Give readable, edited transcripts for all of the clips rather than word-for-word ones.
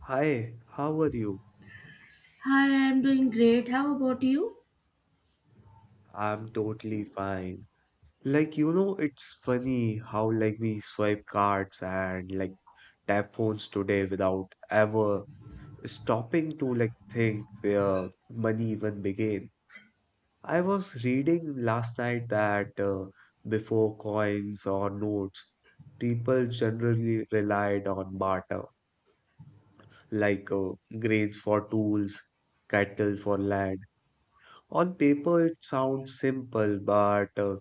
Hi, how are you? Hi, I'm doing great. How about you? I'm totally fine. Like, it's funny how like we swipe cards and like tap phones today without ever stopping to like think where money even began. I was reading last night that before coins or notes, people generally relied on barter, like grains for tools, cattle for land. On paper, it sounds simple, but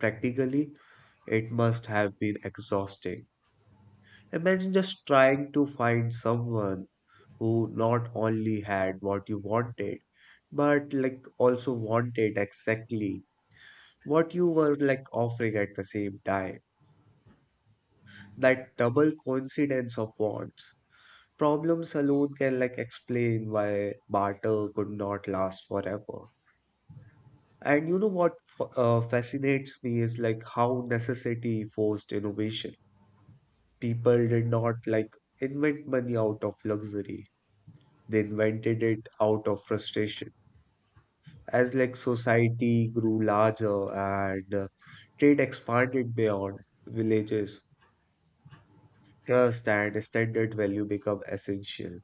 practically, it must have been exhausting. Imagine just trying to find someone who not only had what you wanted, but like also wanted exactly what you were like offering at the same time. That double coincidence of wants. Problems alone can like explain why barter could not last forever. And you know what fascinates me is like how necessity forced innovation. People did not like invent money out of luxury. They invented it out of frustration. As like society grew larger and trade expanded beyond villages, trust and standard value become essential.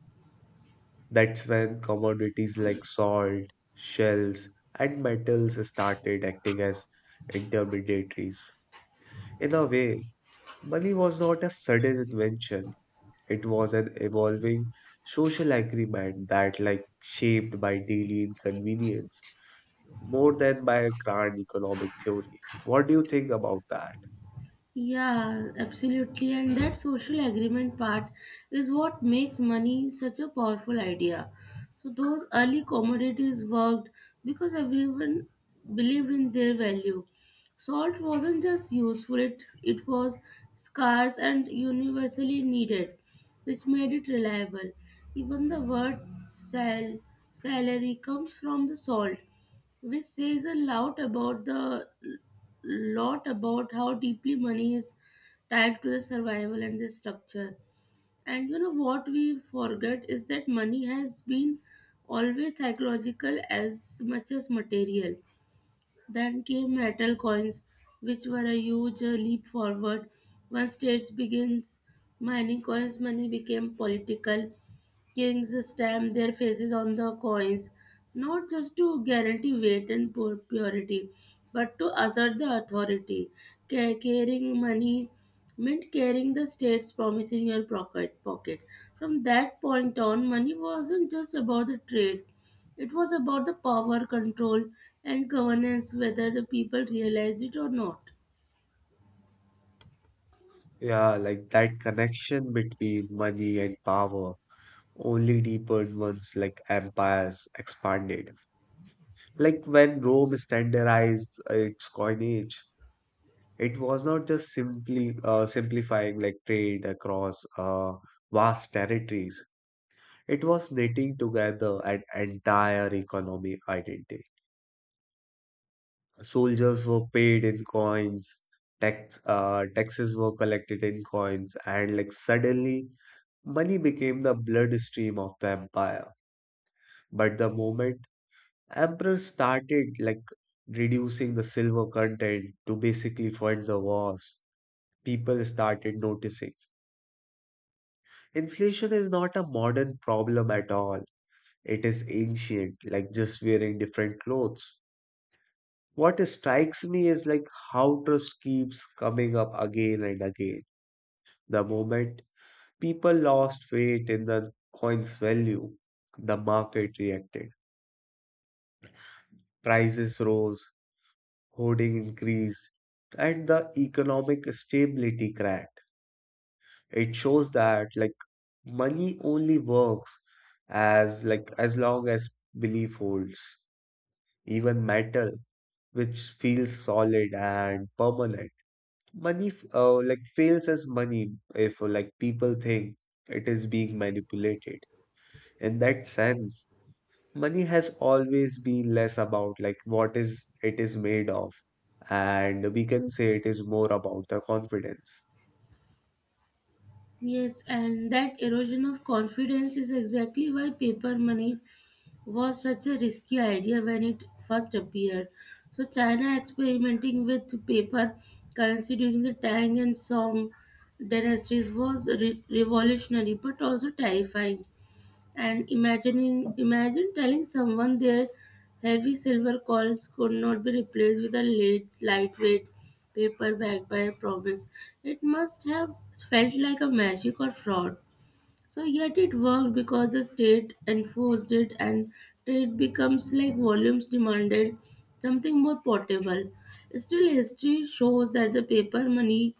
That's when commodities like salt, shells, and metals started acting as intermediaries. In a way, money was not a sudden invention. It was an evolving social agreement that like shaped by daily inconvenience more than by a grand economic theory. What do you think about that? Yeah, absolutely. And that social agreement part is what makes money such a powerful idea. So, those early commodities worked because everyone believed in their value. Salt wasn't just useful, it was scarce and universally needed, which made it reliable. Even the word sal- salary comes from the salt, which says a lot about the lot about how deeply money is tied to the survival and the structure. And you know what we forget is that money has been always psychological as much as material. Then came metal coins, which were a huge leap forward. Once states begins mining coins, money became political. Kings stamp their faces on the coins, not just to guarantee weight and purity, but to assert the authority. Carrying money meant carrying the state's promise in your pocket. From that point on, money wasn't just about the trade. It was about the power, control, and governance, whether the people realized it or not. Yeah, like that connection between money and power only deepened once like empires expanded. Like when Rome standardized its coinage, it was not just simply simplifying like trade across vast territories. It was knitting together an entire economic identity. Soldiers were paid in coins, taxes were collected in coins, and like suddenly money became the bloodstream of the empire. But the moment emperors started like reducing the silver content to basically fund the wars, people started noticing. Inflation is not a modern problem at all. It is ancient, like just wearing different clothes. What strikes me is like how trust keeps coming up again and again. The moment people lost faith in the coin's value, the market reacted. Prices rose, hoarding increased, and the economic stability cracked. It shows that like money only works as like as long as belief holds. Even metal, which feels solid and permanent. Money, like fails as money if like people think it is being manipulated. In that sense, money has always been less about like what is it is made of, and we can say it is more about the confidence. Yes, and that erosion of confidence is exactly why paper money was such a risky idea when it first appeared. So China experimenting with paper currency during the Tang and Song dynasties was revolutionary but also terrifying. And imagining imagine telling someone their heavy silver coins could not be replaced with a late, lightweight paper backed by a promise. It must have felt like a magic or fraud. So yet it worked because the state enforced it, and trade becomes like volumes demanded something more portable. Still, history shows that the paper money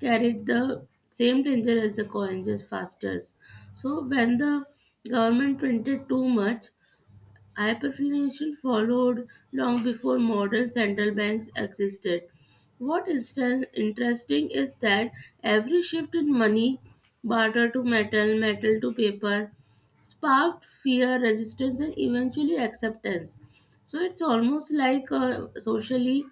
carried the same danger as the coins as fasters. So when the government printed too much, hyperinflation followed long before modern central banks existed. What is then interesting is that every shift in money, barter to metal, metal to paper, sparked fear, resistance, and eventually acceptance. So it's almost like uh, socially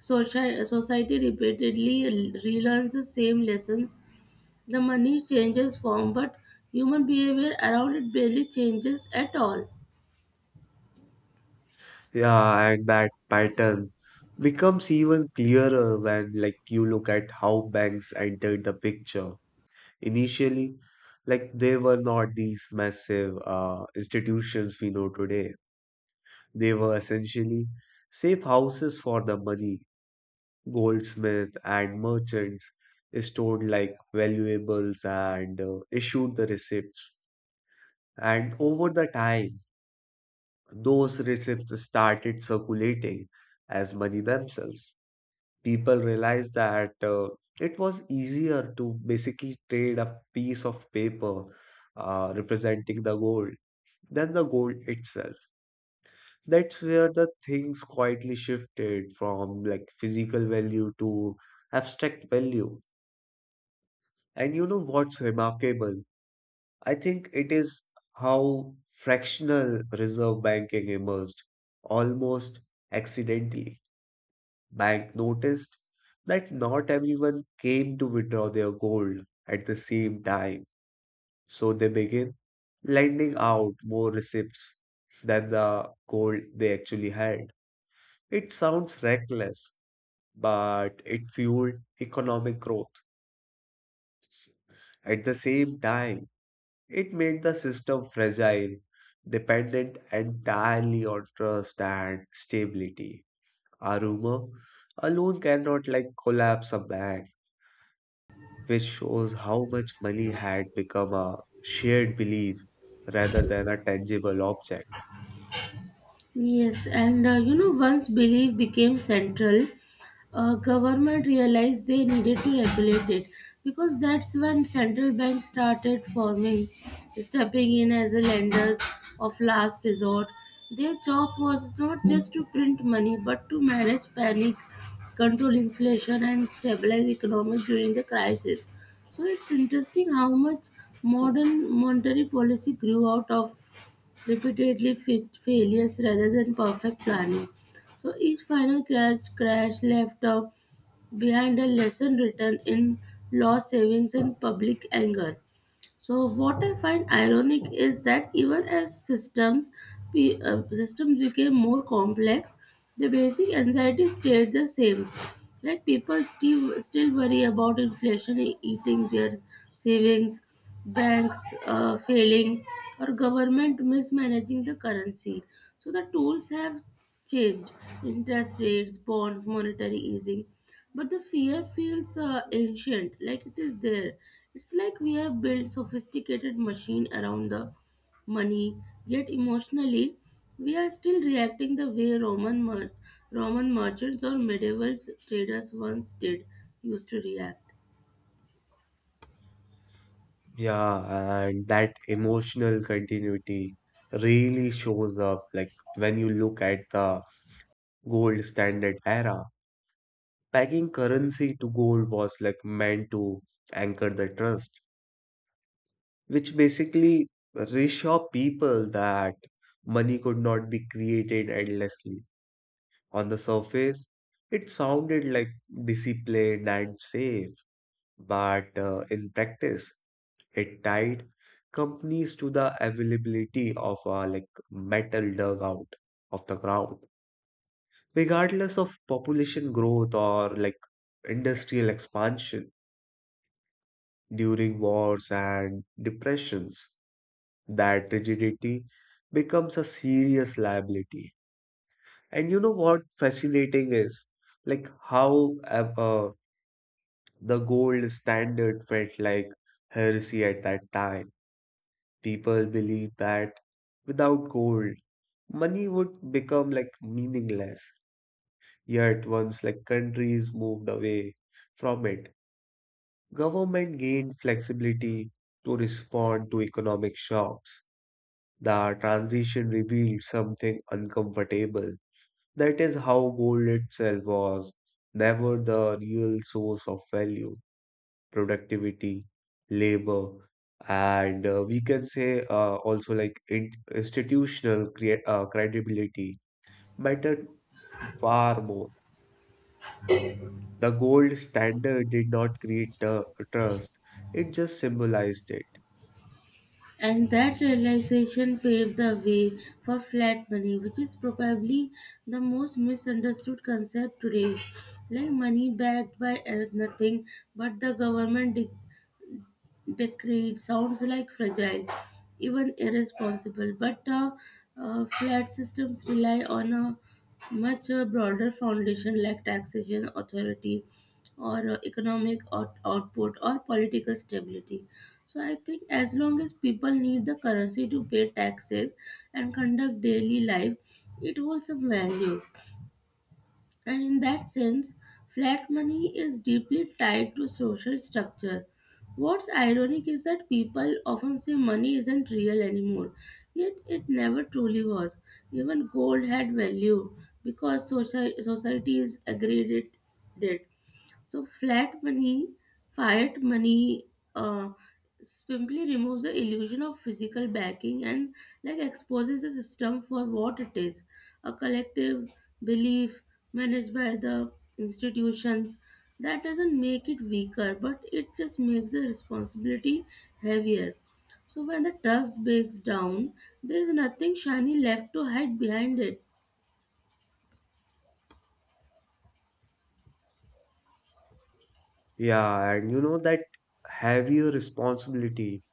soci- society repeatedly relearns the same lessons. The money changes form, but human behavior around it barely changes at all. Yeah, and that pattern becomes even clearer when like you look at how banks entered the picture. Initially, like they were not these massive institutions we know today. They were essentially safe houses for the money. Goldsmith and merchants stored like valuables and issued the receipts. And over the time, those receipts started circulating as money themselves. People realized that it was easier to basically trade a piece of paper representing the gold than the gold itself. That's where the things quietly shifted from like physical value to abstract value. And you know what's remarkable? I think it is how fractional reserve banking emerged almost accidentally. Bank noticed that not everyone came to withdraw their gold at the same time, so they began lending out more receipts than the gold they actually had. It sounds reckless, but it fueled economic growth. At the same time, it made the system fragile, dependent entirely on trust and stability. A rumor alone cannot like collapse a bank, which shows how much money had become a shared belief rather than a tangible object. Yes, and you know, once belief became central, government realized they needed to regulate it because that's when central banks started forming, stepping in as the lenders of last resort. Their job was not just to print money but to manage panic, control inflation, and stabilize economies during the crisis. So it's interesting how much modern monetary policy grew out of repeatedly fit failures rather than perfect planning. So each final crash left behind a lesson written in loss savings and public anger. So what I find ironic is that even as systems became more complex, the basic anxiety stayed the same. Like people still worry about inflation eating their savings, banks failing, or government mismanaging the currency. So the tools have changed: interest rates, bonds, monetary easing. But the fear feels ancient, like it is there. It's like we have built sophisticated machine around the money, yet emotionally we are still reacting the way Roman merchants or medieval traders once did used to react. Yeah, and that emotional continuity really shows up like when you look at the gold standard era. Pegging currency to gold was like meant to anchor the trust, which basically reassure people that money could not be created endlessly. On the surface, it sounded like disciplined and safe, but in practice, it tied companies to the availability of a like metal dug out of the ground, regardless of population growth or like industrial expansion during wars and depressions. That rigidity becomes a serious liability. And you know what fascinating is? Like how the gold standard felt like heresy at that time. People believed that without gold, money would become like meaningless. Yet once like countries moved away from it, government gained flexibility to respond to economic shocks. The transition revealed something uncomfortable. That is how gold itself was never the real source of value. Productivity, labor, and we can say also like in institutional credibility mattered far more. The gold standard did not create the trust, it just symbolized it. And that realization paved the way for flat money, which is probably the most misunderstood concept today. Like money backed by nothing but the government decree, it sounds like fragile, even irresponsible, but flat systems rely on a much broader foundation like taxation, authority, or economic output, or political stability. So, I think as long as people need the currency to pay taxes and conduct daily life, it holds some value. And in that sense, flat money is deeply tied to social structure. What's ironic is that people often say money isn't real anymore, yet it never truly was. Even gold had value because societies agreed it did. So flat money, fiat money, uh, simply removes the illusion of physical backing and like exposes the system for what it is, a collective belief managed by the institutions. That doesn't make it weaker, but it just makes the responsibility heavier. So when the trust breaks down, there is nothing shiny left to hide behind it. Yeah, and you know that heavier responsibility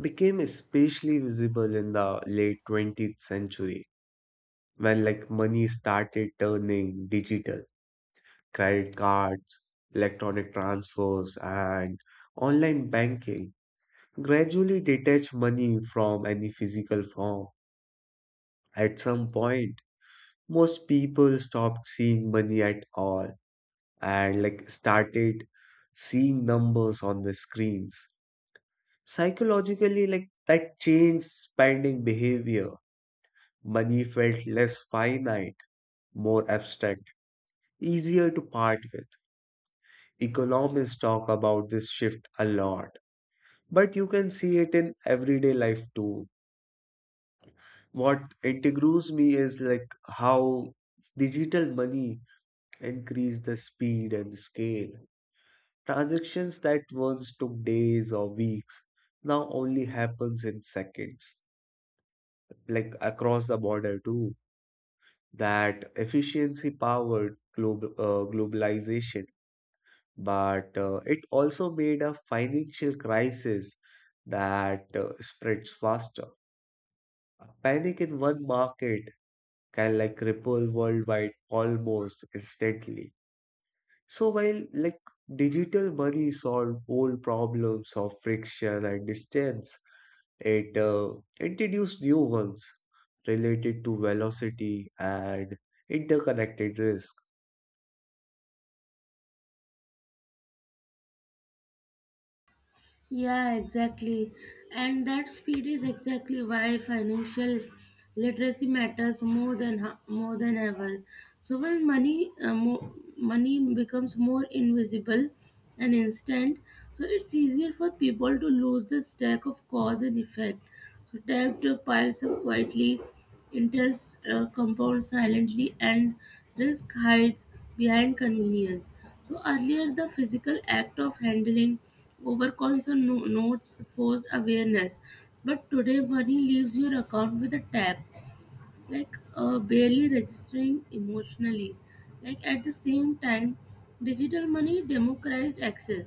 became especially visible in the late 20th century when like money started turning digital. Credit cards, electronic transfers, and online banking gradually detach money from any physical form. At some point, most people stopped seeing money at all and like started seeing numbers on the screens. Psychologically, like that changed spending behavior. Money felt less finite, more abstract, easier to part with. Economists talk about this shift a lot, but you can see it in everyday life too. What intrigues me is like how digital money increase the speed and scale. Transactions that once took days or weeks now only happens in seconds, like across the border too. That efficiency powered globalization, but it also made a financial crisis that spreads faster. Panic in one market can like ripple worldwide almost instantly. So while like digital money solved old problems of friction and distance, it introduced new ones related to velocity and interconnected risk. Yeah, exactly. And that speed is exactly why financial literacy matters more than ever. So when money money becomes more invisible and instant, so it's easier for people to lose the stack of cause and effect. So debt piles up quietly, intels compound silently, and risk hides behind convenience. So earlier the physical act of handling overcoins or notes posed awareness, but today money leaves your account with a tap, like barely registering emotionally. Like at the same time, digital money democratized access.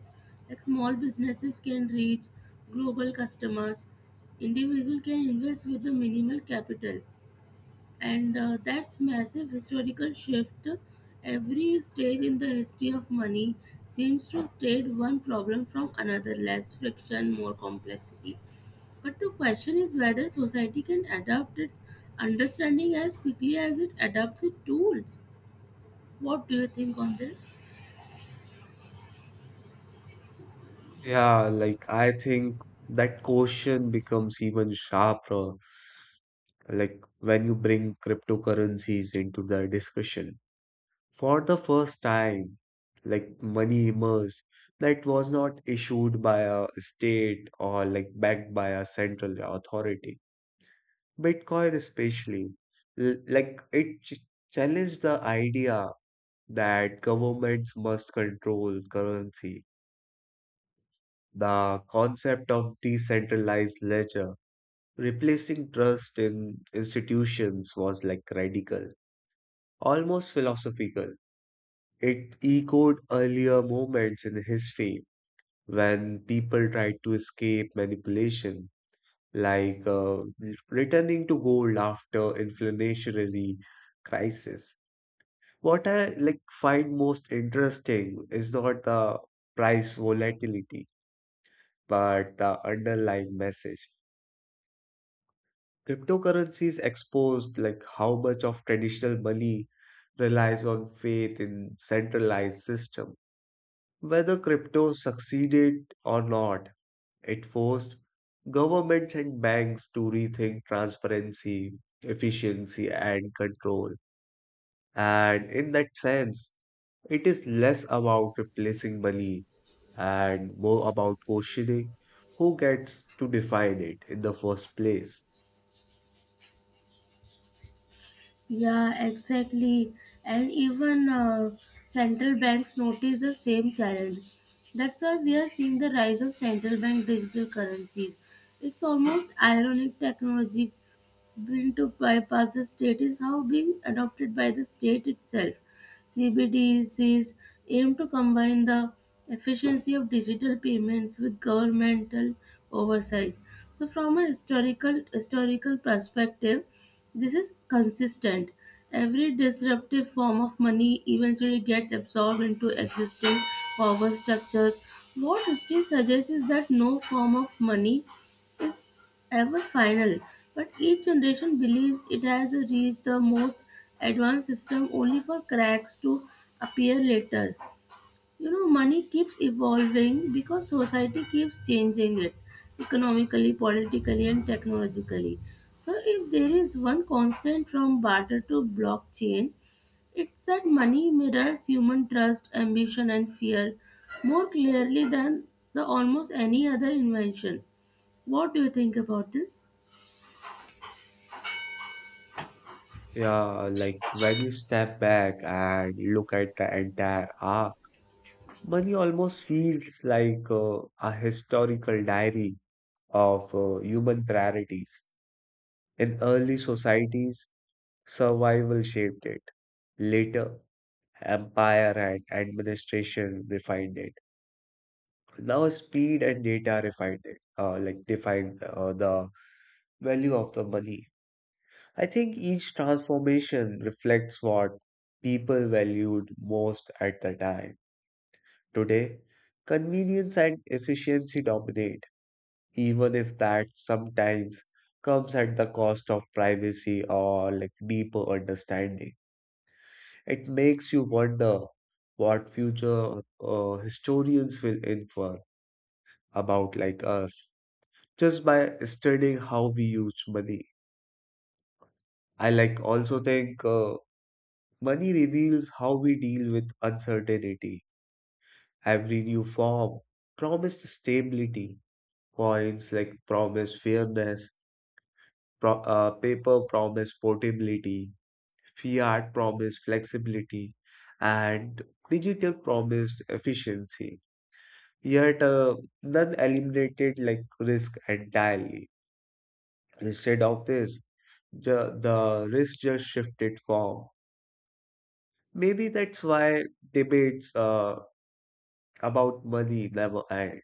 Like small businesses can reach global customers. Individual can invest with the minimal capital, and that's massive historical shift. Every stage in the history of money seems to have trade one problem from another, less friction, more complexity, but the question is whether society can adapt its understanding as quickly as it adapts its tools. What do you think on this? Yeah, like I think that question becomes even sharper like when you bring cryptocurrencies into the discussion. For the first time, like money emerged that was not issued by a state or like backed by a central authority. Bitcoin especially, like it challenged the idea that governments must control currency. The concept of decentralized ledger, replacing trust in institutions was like radical, almost philosophical. It echoed earlier moments in history when people tried to escape manipulation, like returning to gold after inflationary crisis. What I like find most interesting is not the price volatility, but the underlying message. Cryptocurrencies exposed like how much of traditional money relies on faith in centralized system. Whether crypto succeeded or not, it forced governments and banks to rethink transparency, efficiency, and control. And in that sense, it is less about replacing money and more about questioning who gets to define it in the first place. Yeah, exactly. And even central banks notice the same challenge. That's why we are seeing the rise of central bank digital currencies. It's almost ironic technology bill to bypass the state is how being adopted by the state itself. CBDCs aim to combine the efficiency of digital payments with governmental oversight. So, from a historical perspective, this is consistent. Every disruptive form of money eventually gets absorbed into existing power structures. What history suggests is that no form of money ever final, but each generation believes it has reached the most advanced system only for cracks to appear later. You know, money keeps evolving because society keeps changing it economically, politically, and technologically. So, if there is one constant from barter to blockchain, it's that money mirrors human trust, ambition, and fear more clearly than the almost any other invention. What do you think about this? Yeah, like when you step back and look at the entire arc, money almost feels like a historical diary of human priorities. In early societies, survival shaped it. Later, empire and administration refined it. Now, speed and data refined it, like defined the value of the money. I think each transformation reflects what people valued most at the time. Today, convenience and efficiency dominate, even if that sometimes comes at the cost of privacy or like deeper understanding. It makes you wonder what future historians will infer about like us just by studying how we used money. I like also think money reveals how we deal with uncertainty. Every new form promised stability, coins like promise fairness, paper promise portability, fiat promise flexibility, and digital promised efficiency. Yet, none eliminated like risk entirely. Instead of this, the risk just shifted form. Maybe that's why debates about money never end.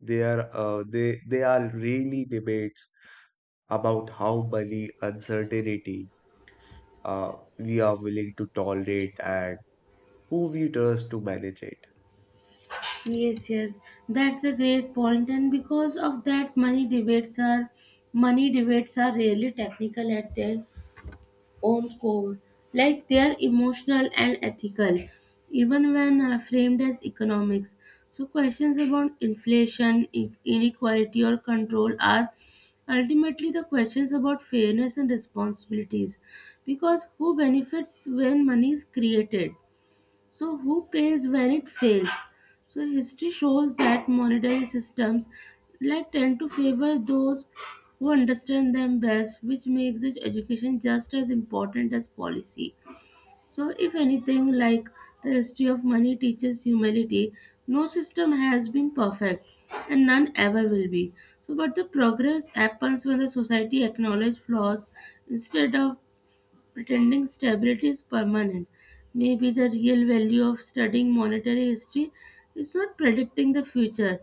They are really debates about how money uncertainty uh, we are willing to tolerate and who we trust to manage it. Yes, yes, that's a great point, and because of that, money debates are really technical at their own core. Like they are emotional and ethical, even when framed as economics. So questions about inflation, inequality, or control are ultimately the questions about fairness and responsibilities. Because who benefits when money is created? So, who pays when it fails? So, history shows that monetary systems like tend to favor those who understand them best, which makes its education just as important as policy. So, if anything, like the history of money teaches humility, no system has been perfect and none ever will be. So, but the progress happens when the society acknowledges flaws instead of pretending stability is permanent. Maybe the real value of studying monetary history is not predicting the future,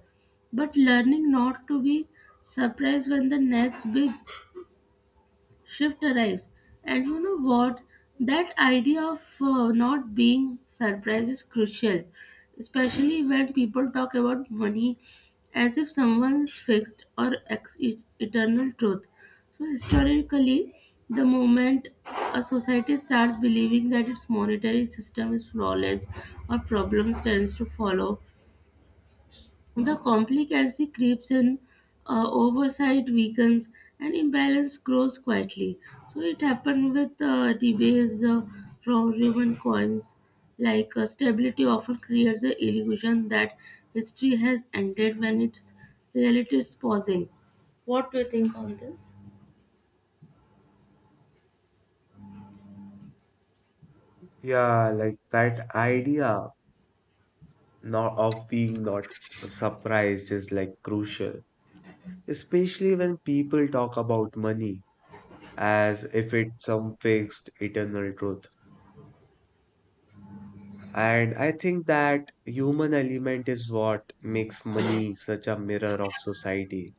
but learning not to be surprised when the next big shift arrives. And you know what? That idea of not being surprised is crucial, especially when people talk about money as if someone is fixed or eternal truth. So, historically, the moment a society starts believing that its monetary system is flawless or problems tends to follow, the complacency creeps in, oversight weakens, and imbalance grows quietly. So it happened with debates from Roman coins. Like stability often creates the illusion that history has ended when its reality is pausing. What do you think on this? Yeah, like that idea not of being not surprised is like crucial. Especially when people talk about money as if it's some fixed eternal truth. And I think that human element is what makes money such a mirror of society.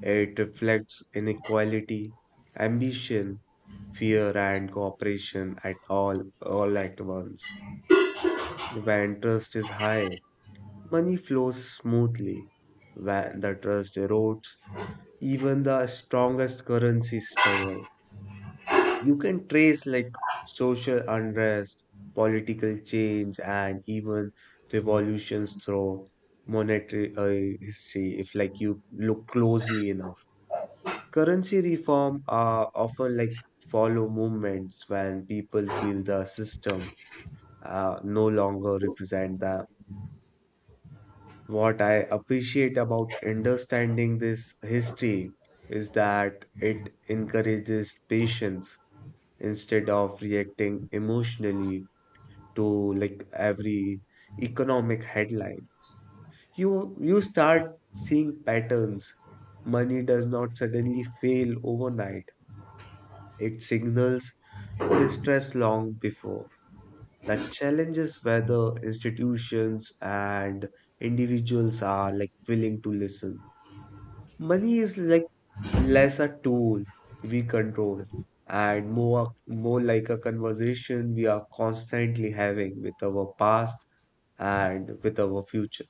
It reflects inequality, ambition, fear, and cooperation at all at once. When trust is high, money flows smoothly. When the trust erodes, even the strongest currency struggle. You can trace like social unrest, political change, and even revolutions through monetary history if like you look closely enough. Currency reform are often like follow movements when people feel the system no longer represent them. What I appreciate about understanding this history is that it encourages patience instead of reacting emotionally to like every economic headline. You you start seeing patterns. Money does not suddenly fail overnight. It signals distress long before. The challenge is whether institutions and individuals are like willing to listen. Money is like less a tool we control, and more like a conversation we are constantly having with our past and with our future.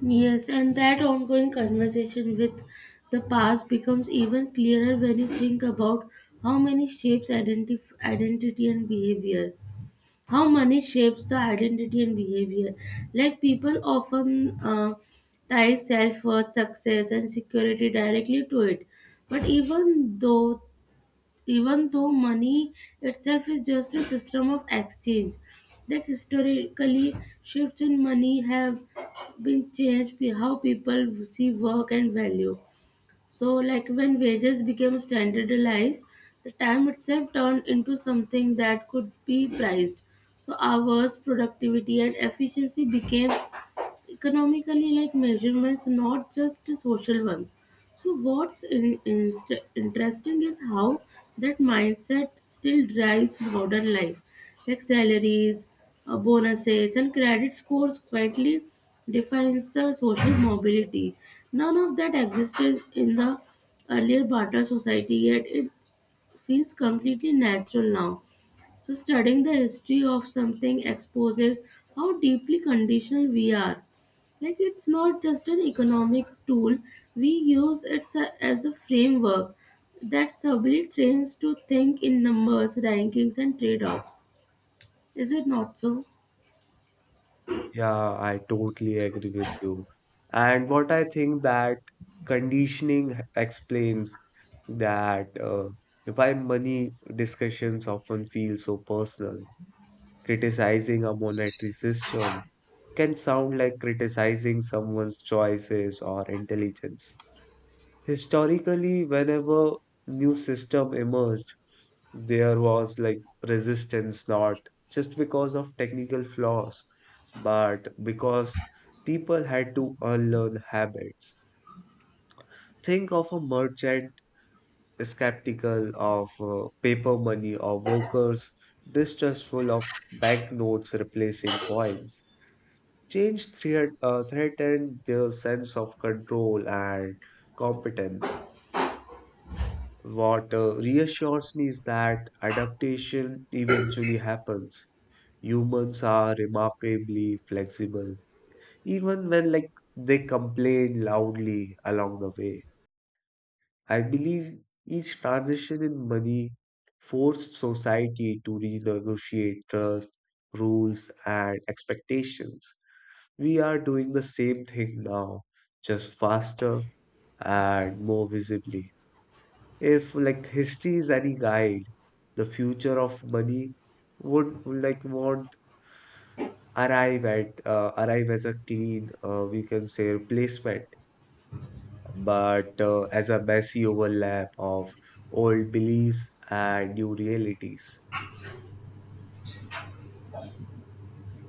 Yes, and that ongoing conversation with the past becomes even clearer when you think about how many shapes identif- identity and behavior. How money shapes the identity and behavior. Like people often tie self worth, success, and security directly to it. But even though money itself is just a system of exchange, like historically shifts in money have been changed how people see work and value. So, like when wages became standardized, the time itself turned into something that could be priced. So, hours, productivity, and efficiency became economically like measurements, not just social ones. So what's in, inst interesting is how that mindset still drives modern life, like salaries, bonuses, and credit scores quietly defines the social mobility. None of that existed in the earlier barter society, yet it feels completely natural now. So, studying the history of something exposes how deeply conditional we are. Like, it's not just an economic tool, we use it as a framework that subtly trains to think in numbers, rankings, and trade offs. Is it not so? Yeah, I totally agree with you. And what I think that conditioning explains that why money discussions often feel so personal. Criticizing a monetary system can sound like criticizing someone's choices or intelligence. Historically, whenever new system emerged, there was like resistance not just because of technical flaws, but because people had to unlearn habits. Think of a merchant skeptical of paper money or workers distrustful of banknotes replacing coins. Change threatened their sense of control and competence. What reassures me is that adaptation eventually happens. Humans are remarkably flexible, even when like they complain loudly along the way. I believe each transition in money forced society to renegotiate trust, rules, and expectations. We are doing the same thing now, just faster and more visibly. If like history is any guide, the future of money would like won't arrive as a clean we can say replacement, but as a messy overlap of old beliefs and new realities.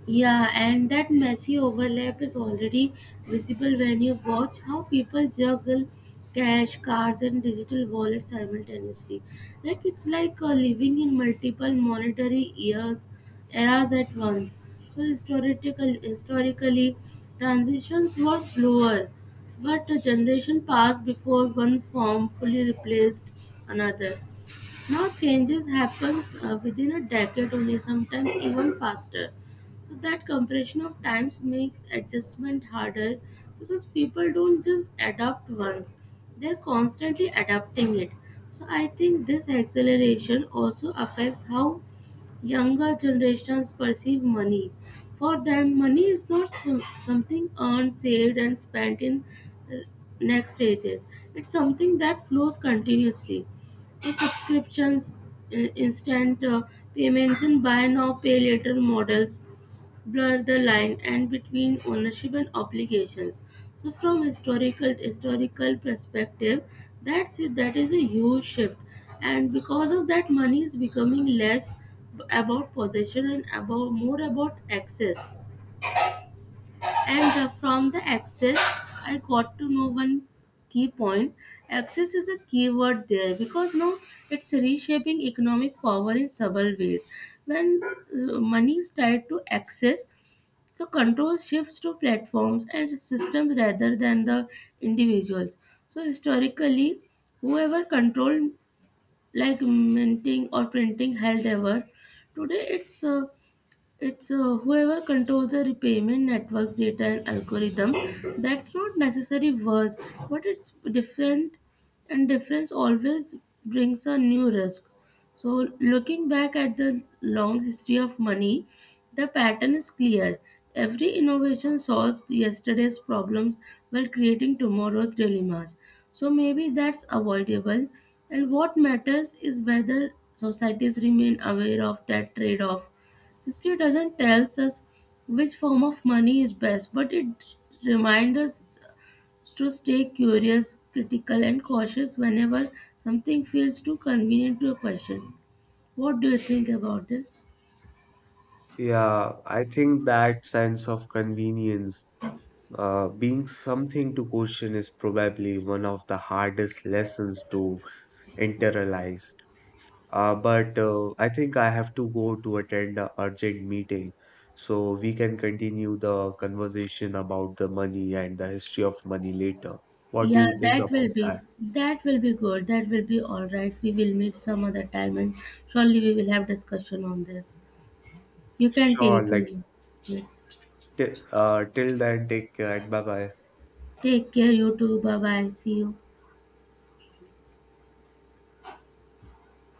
Yeah, and that messy overlap is already visible when you watch how people juggle cash, cards, and digital wallets simultaneously. Like it's like living in multiple eras at once. So historically, transitions were slower, but a generation passed before one form fully replaced another. Now changes happens within a decade only, sometimes even faster. So that compression of times makes adjustment harder because people don't just adapt once; they're constantly adapting it. So I think this acceleration also affects how younger generations perceive money. For them, money is not so- something earned, saved, and spent in uh, next stages. It's something that flows continuously. For subscriptions, instant payments and buy now pay later models blur the line and between ownership and obligations. So from historical perspective, that's it. That is a huge shift, and because of that, money is becoming less about possession and about more about access. And from the access, I got to know one key point. Access is a key word there because now it's reshaping economic power in several ways. When money is tied to access, so control shifts to platforms and systems rather than the individuals. So historically, whoever controlled like minting or printing held ever, today it's whoever controls the repayment network's data and algorithm. That's not necessary worse, but it's different, and difference always brings a new risk. So, looking back at the long history of money, the pattern is clear. Every innovation solves yesterday's problems while creating tomorrow's dilemmas. So, maybe that's avoidable. And what matters is whether societies remain aware of that trade off. History doesn't tell us which form of money is best, but it reminds us to stay curious, critical, and cautious whenever something feels too convenient to a question. What do you think about this? Yeah, I think that sense of convenience being something to question is probably one of the hardest lessons to internalize. But I think I have to go to attend a urgent meeting. So we can continue the conversation about the money and the history of money later. What do Yeah, you think about that? that will be good. That will be all right. We will meet some other time, and surely we will have discussion on this. You can Sure, take your like yes. t till then, take care and bye bye. Take care, you too. Bye bye. See you.